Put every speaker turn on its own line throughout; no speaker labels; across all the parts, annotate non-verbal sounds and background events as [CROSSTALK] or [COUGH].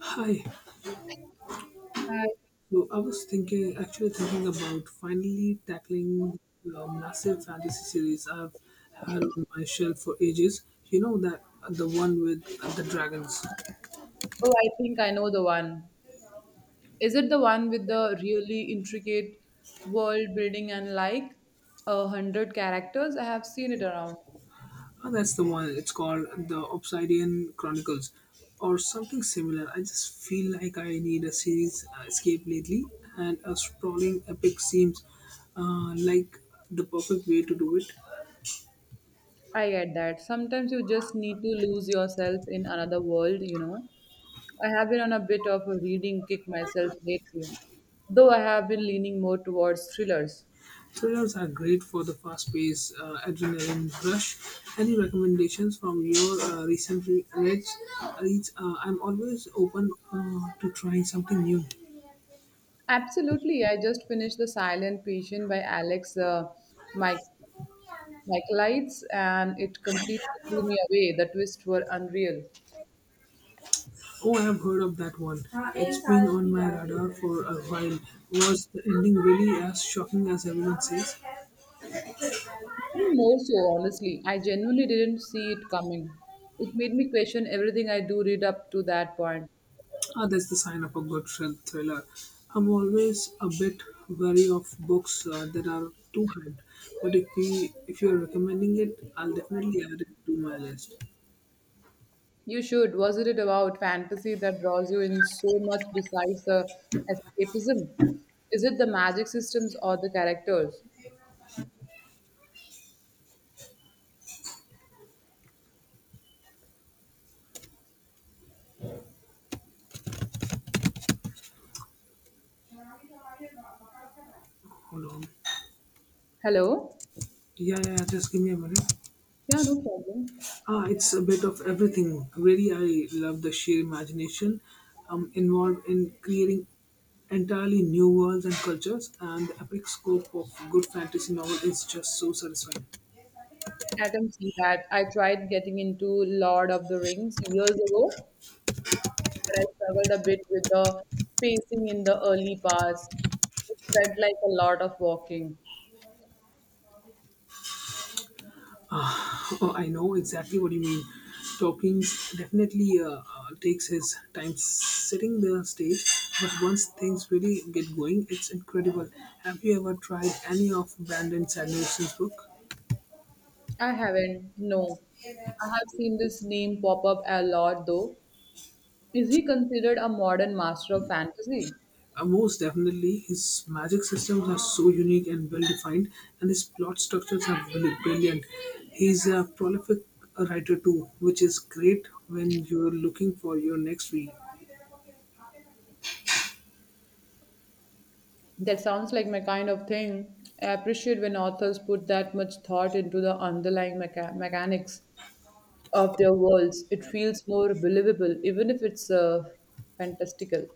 Hi.
Uh,
So I was thinking, actually thinking about finally tackling the massive fantasy series I've had on my shelf for ages. You know that the one with the dragons.
oh, I think I know the one. Is it the one with the really intricate world building and like 100 characters? I have seen it around.
Oh, that's the one. It's called the Obsidian Chronicles, or something similar. I just feel like I need a series escape lately, and a sprawling epic seems like the perfect way to do it.
I get that. Sometimes you just need to lose yourself in another world. I have been on a bit of a reading kick myself lately, though I have been leaning more towards thrillers.
Thrillers are great for the fast paced adrenaline rush. Any recommendations from your recent reads? I'm always open to trying something new.
Absolutely. I just finished The Silent Patient by Alex Mike, Michaelides, and it completely blew me away. The twists were unreal.
Oh, I've heard of that one. It's been on my radar for a while. Was the ending really as shocking as everyone says?
And more so, honestly, I genuinely didn't see it coming. It made me question everything I do read up to that point.
Ah, that's the sign of a good thriller. I'm always a bit wary of books that are too hyped, but if you're recommending it, I'll definitely add it to my list.
You should. Wasn't it about fantasy that draws you in so much besides the escapism? Is it the magic systems or the characters?
Hold on.
Hello?
Yeah, yeah, just give me a minute.
Yeah, no problem.
Ah, it's a bit of everything. Really, I love the sheer imagination involved in creating entirely new worlds and cultures, and the epic scope of good fantasy novel is just so satisfying.
I can see that. I tried getting into Lord of the Rings years ago, but I struggled a bit with the pacing in the early parts. It felt like a lot of walking.
[SIGHS] [LAUGHS] I know exactly what you mean. Tolkien's definitely takes his time setting the stage, but once things really get going, it's incredible. Have you ever tried any of Brandon Sanderson's book?
I haven't, no. I have seen this name pop up a lot though. Is he considered a modern master of fantasy?
Most definitely, his magic systems are so unique and well defined, and his plot structures are brilliant. He's a prolific writer too, which is great when you're looking for your next read.
That sounds like my kind of thing. I appreciate when authors put that much thought into the underlying mechanics of their worlds. It feels more believable, even if it's fantastical.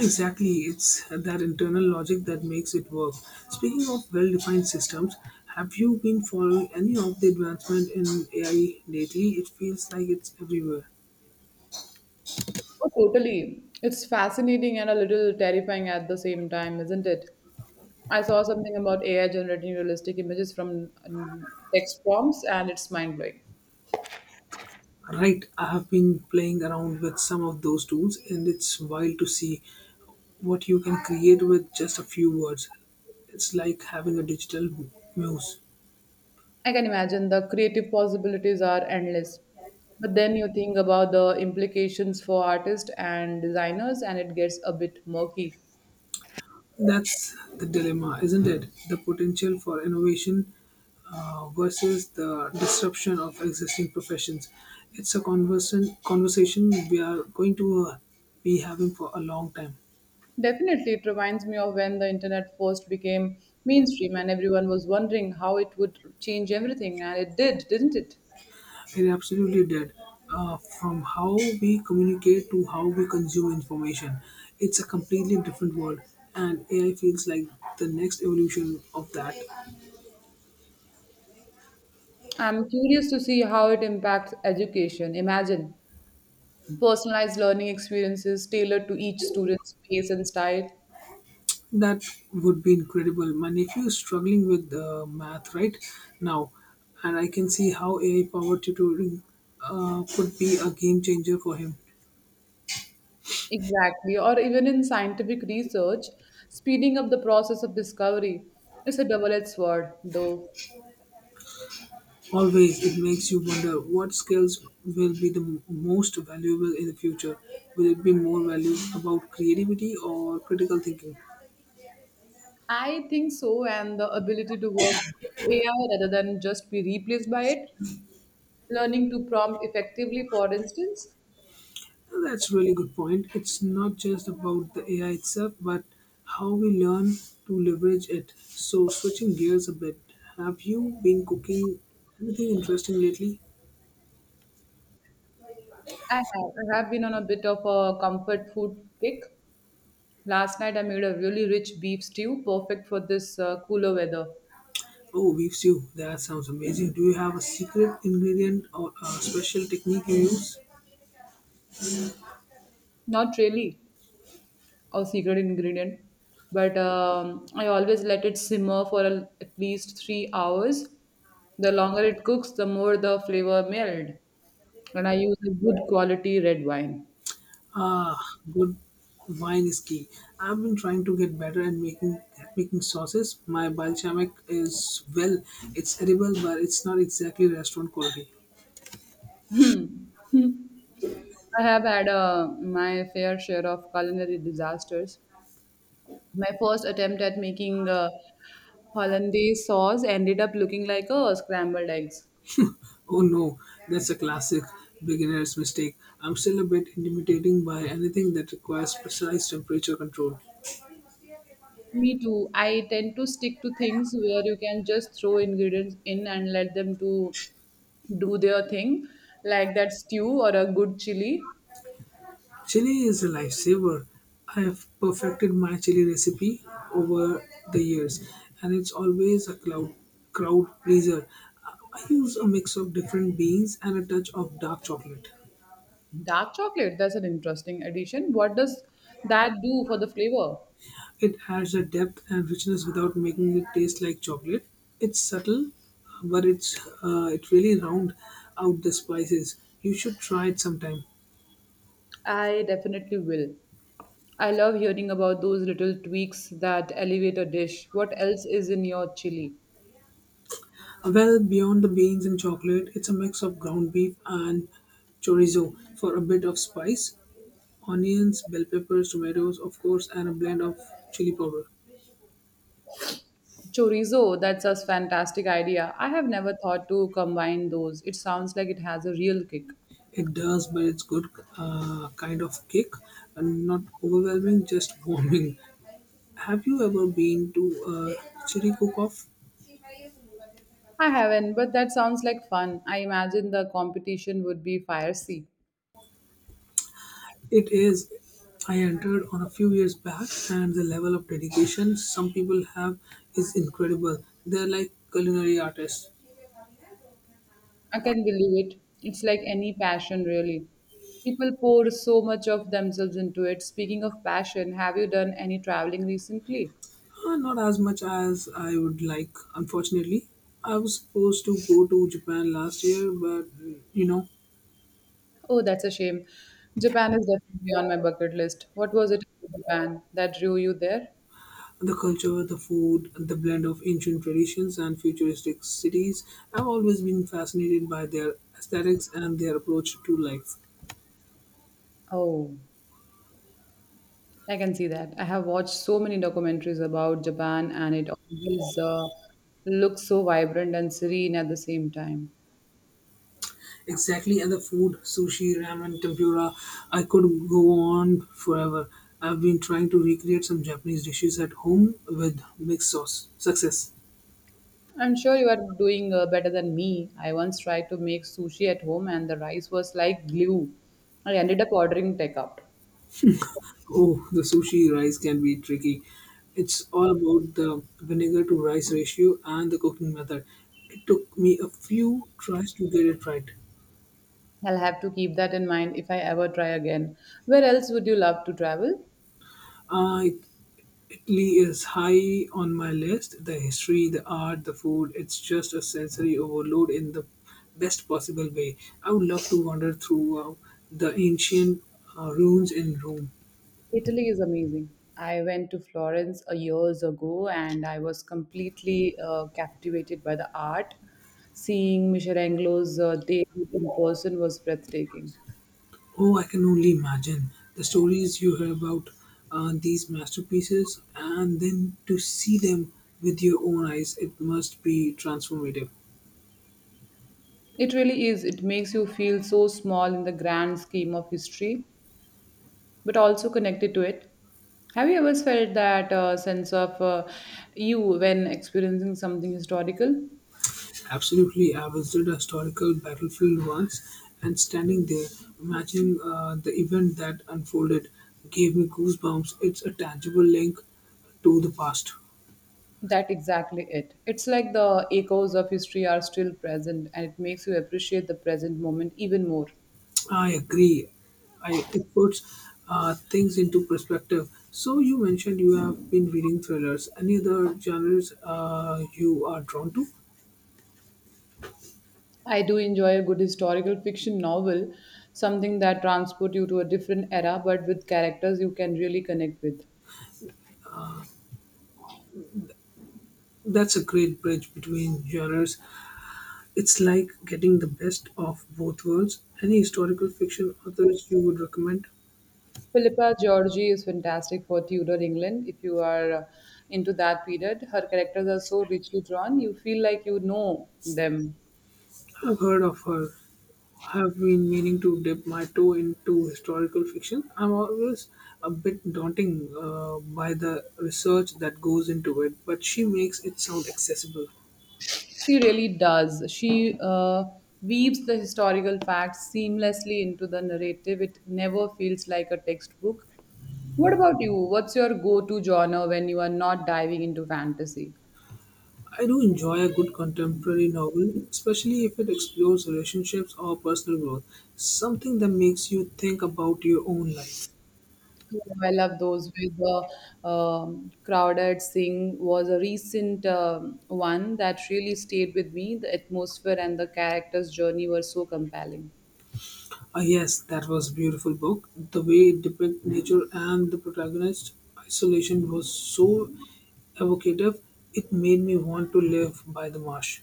Exactly, it's that internal logic that makes it work. Speaking of well defined systems, have you been following any of the advancement in AI lately? It feels like it's everywhere.
Oh, totally. It's fascinating and a little terrifying at the same time, isn't it? I saw something about AI generating realistic images from text prompts, and it's mind blowing.
Right, I have been playing around with some of those tools, and it's wild to see what you can create with just a few words. It's like having a digital muse.
I can imagine the creative possibilities are endless. But then you think about the implications for artists and designers, and it gets a bit murky.
That's the dilemma, isn't it? The potential for innovation versus the disruption of existing professions. It's a conversation we are going to be having for a long time.
Definitely, it reminds me of when the internet first became mainstream, and everyone was wondering how it would change everything, and it did, didn't it?
It absolutely did. From how we communicate to how we consume information, it's a completely different world, and AI feels like the next evolution of that.
I'm curious to see how it impacts education. Imagine personalized learning experiences tailored to each student's pace and style.
That would be incredible. My nephew is struggling with math right now, and I can see how AI powered tutoring could be a game changer for him.
Exactly. Or even in scientific research, speeding up the process of discovery. It's a double edged sword, though.
Always, it makes you wonder what skills will be the most valuable in the future. Will it be more value about creativity or critical thinking?
I think so, and the ability to work with AI rather than just be replaced by it, learning to prompt effectively, for instance.
That's really good point. It's not just about the AI itself, but how we learn to leverage it. So, switching gears a bit, have you been cooking anything interesting lately?
I have been on a bit of a comfort food kick. Last night I made a really rich beef stew, perfect for this cooler weather.
Oh, beef stew. That sounds amazing. Do you have a secret ingredient or a special technique you use?
Not really our secret ingredient, but I always let it simmer for at least 3 hours. The longer it cooks, the more the flavor meld. And I use a good quality red wine.
Ah, good wine is key. I've been trying to get better at making sauces. My balsamic is well, it's edible, but it's not exactly restaurant quality.
Hmm. [LAUGHS] Hmm. I have had my fair share of culinary disasters. My first attempt at making hollandaise sauce ended up looking like a scrambled eggs.
Oh no, that's a classic beginner's mistake. I'm still a bit intimidating by anything that requires precise temperature control.
Me too. I tend to stick to things where you can just throw ingredients in and let them to do their thing, like that stew or a good chili.
Chili is a lifesaver. I've perfected my chili recipe over the years, and it's always a crowd pleaser. I use a mix of different beans and a touch of dark chocolate.
Dark chocolate, that's an interesting addition. What does that do for the flavor?
It adds a depth and richness without making it taste like chocolate. It's subtle, but it really round out the spices. You should try it sometime.
I definitely will. I love hearing about those little tweaks that elevate a dish. What else is in your chili?
Well, beyond the beans and chocolate, it's a mix of ground beef and chorizo for a bit of spice, onions, bell peppers, tomatoes, of course, and a blend of chili powder.
Chorizo, that's a fantastic idea. I have never thought to combine those. It sounds like it has a real kick.
It does, but it's good kind of kick, and not overwhelming, just [LAUGHS] warming. Have you ever been to a chili cook-off?
I haven't, but that sounds like fun. I imagine the competition would be fiery.
It is. I entered on a few years back, and the level of dedication some people have is incredible. They're like culinary artists.
I can believe it. It's like any passion, really. People pour so much of themselves into it. Speaking of passion, have you done any traveling recently?
Not as much as I would like, unfortunately. I was supposed to go to Japan last year, but you know,
Oh, that's a shame. Japan is definitely on my bucket list. What was it about Japan that drew you there?
the culture, the food, the blend of ancient traditions and futuristic cities. I've always been fascinated by their aesthetics and their approach to life.
Oh, I can see that. I have watched so many documentaries about Japan, and it always looks so vibrant and serene at the same time.
Exactly, and the food, sushi, ramen, tempura, I could go on forever. I've been trying to recreate some Japanese dishes at home with mixed sauce. Success.
I'm sure you are doing better than me. I once tried to make sushi at home and the rice was like glue. I ended up ordering takeout.
Oh, the sushi rice can be tricky. It's all about the vinegar to rice ratio and the cooking method. It took me a few tries to get it right.
I'll have to keep that in mind if I ever try again. Where else would you love to travel?
Uh, Italy is high on my list. The history, the art, the food, it's just a sensory overload in the best possible way. I would love to wander through the ancient ruins in Rome.
Italy is amazing. I went to Florence years ago and I was completely captivated by the art. Seeing Michelangelo's David in person was breathtaking.
Oh, I can only imagine the stories you hear about these masterpieces, and then to see them with your own eyes, it must be transformative.
It really is. It makes you feel so small in the grand scheme of history, but also connected to it. Have you ever felt that sense of you when experiencing something historical?
Absolutely, I visited a historical battlefield once, and standing there, imagining the event that unfolded gave me goosebumps. It's a tangible link to the past.
That exactly it. It's like the echoes of history are still present and it makes you appreciate the present moment even more.
I agree. I It puts things into perspective. So you mentioned you have been reading thrillers. Any other genres you are drawn to?
I do enjoy a good historical fiction novel, something that transports you to a different era but with characters you can really connect with.
That's a great bridge between genres. It's like getting the best of both worlds. Any historical fiction authors you would recommend?
Philippa Georgi is fantastic for Tudor England. If you are into that period, her characters are so richly drawn. You feel like you know them.
I've heard of her. I've been meaning to dip my toe into historical fiction. I'm always a bit daunting by the research that goes into it, but she makes it sound accessible.
She really does. She weaves the historical facts seamlessly into the narrative. It never feels like a textbook. What about you? What's your go to genre when you are not diving into fantasy?
I do enjoy a good contemporary novel, especially if it explores relationships or personal growth, something that makes you think about your own life.
Oh, I love those with the crowded sing was a recent one that really stayed with me. The atmosphere and the character's journey were so compelling.
Ah, yes, that was beautiful book. The way it depicted nature and the protagonist' isolation was so evocative. It made me want to live by the marsh.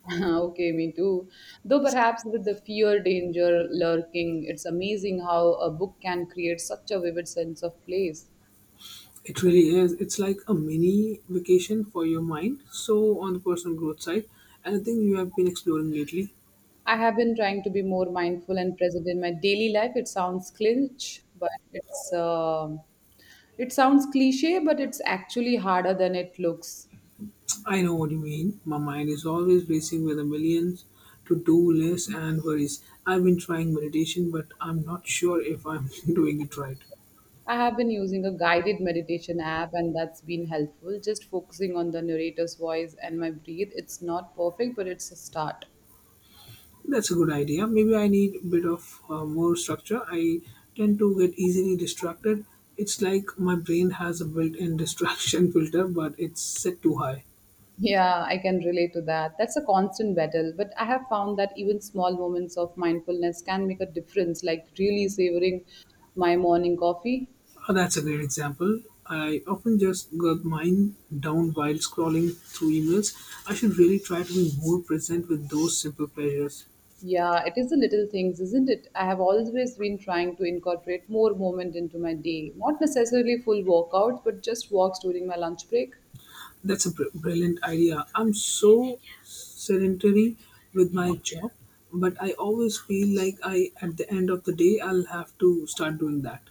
[LAUGHS] Okay, me too. Though perhaps with the fear danger lurking, it's amazing how a book can create such a vivid sense of place.
It really is. It's like a mini vacation for your mind. So on the personal growth side, anything you have been exploring lately?
I have been trying to be more mindful and present in my daily life. It sounds cliche, but it's actually harder than it looks.
I know what you mean. My mind is always racing with a million to-do lists and worries. I've been trying meditation, but I'm not sure if I'm [LAUGHS] doing it right.
I have been using a guided meditation app, and that's been helpful. Just focusing on the narrator's voice and my breathe. It's not perfect, but it's a start.
That's a good idea. Maybe I need a bit of more structure. I tend to get easily distracted. It's like my brain has a built in [LAUGHS] distraction filter, but it's set too high.
Yeah, I can relate to that. That's a constant battle, but I have found that even small moments of mindfulness can make a difference, like really savoring my morning coffee.
Oh, that's a great example. I often just got mine down while scrolling through emails. I should really try to be more present with those simple pleasures.
Yeah, it is the little things, isn't it? I have always been trying to incorporate more moment into my day. Not necessarily full workouts, but just walks during my lunch break.
That's a brilliant idea. I'm so sedentary with my job, but I always feel like at the end of the day, I'll have to start doing that.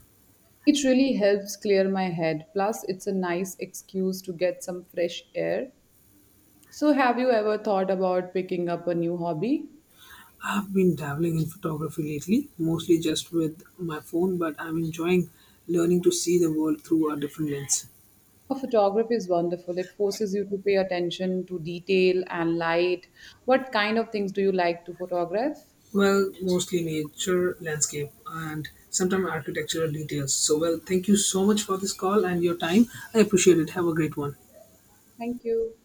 It really helps clear my head. Plus, it's a nice excuse to get some fresh air. So, have you ever thought about picking up a new hobby?
I've been dabbling in photography lately, mostly just with my phone, but I'm enjoying learning to see the world through a different lens.
A photography is wonderful. It forces you to pay attention to detail and light. What kind of things do you like to photograph?
Well, mostly nature, landscape, and sometimes architectural details. So, well, thank you so much for this call and your time. I appreciate it. Have a great one.
Thank you.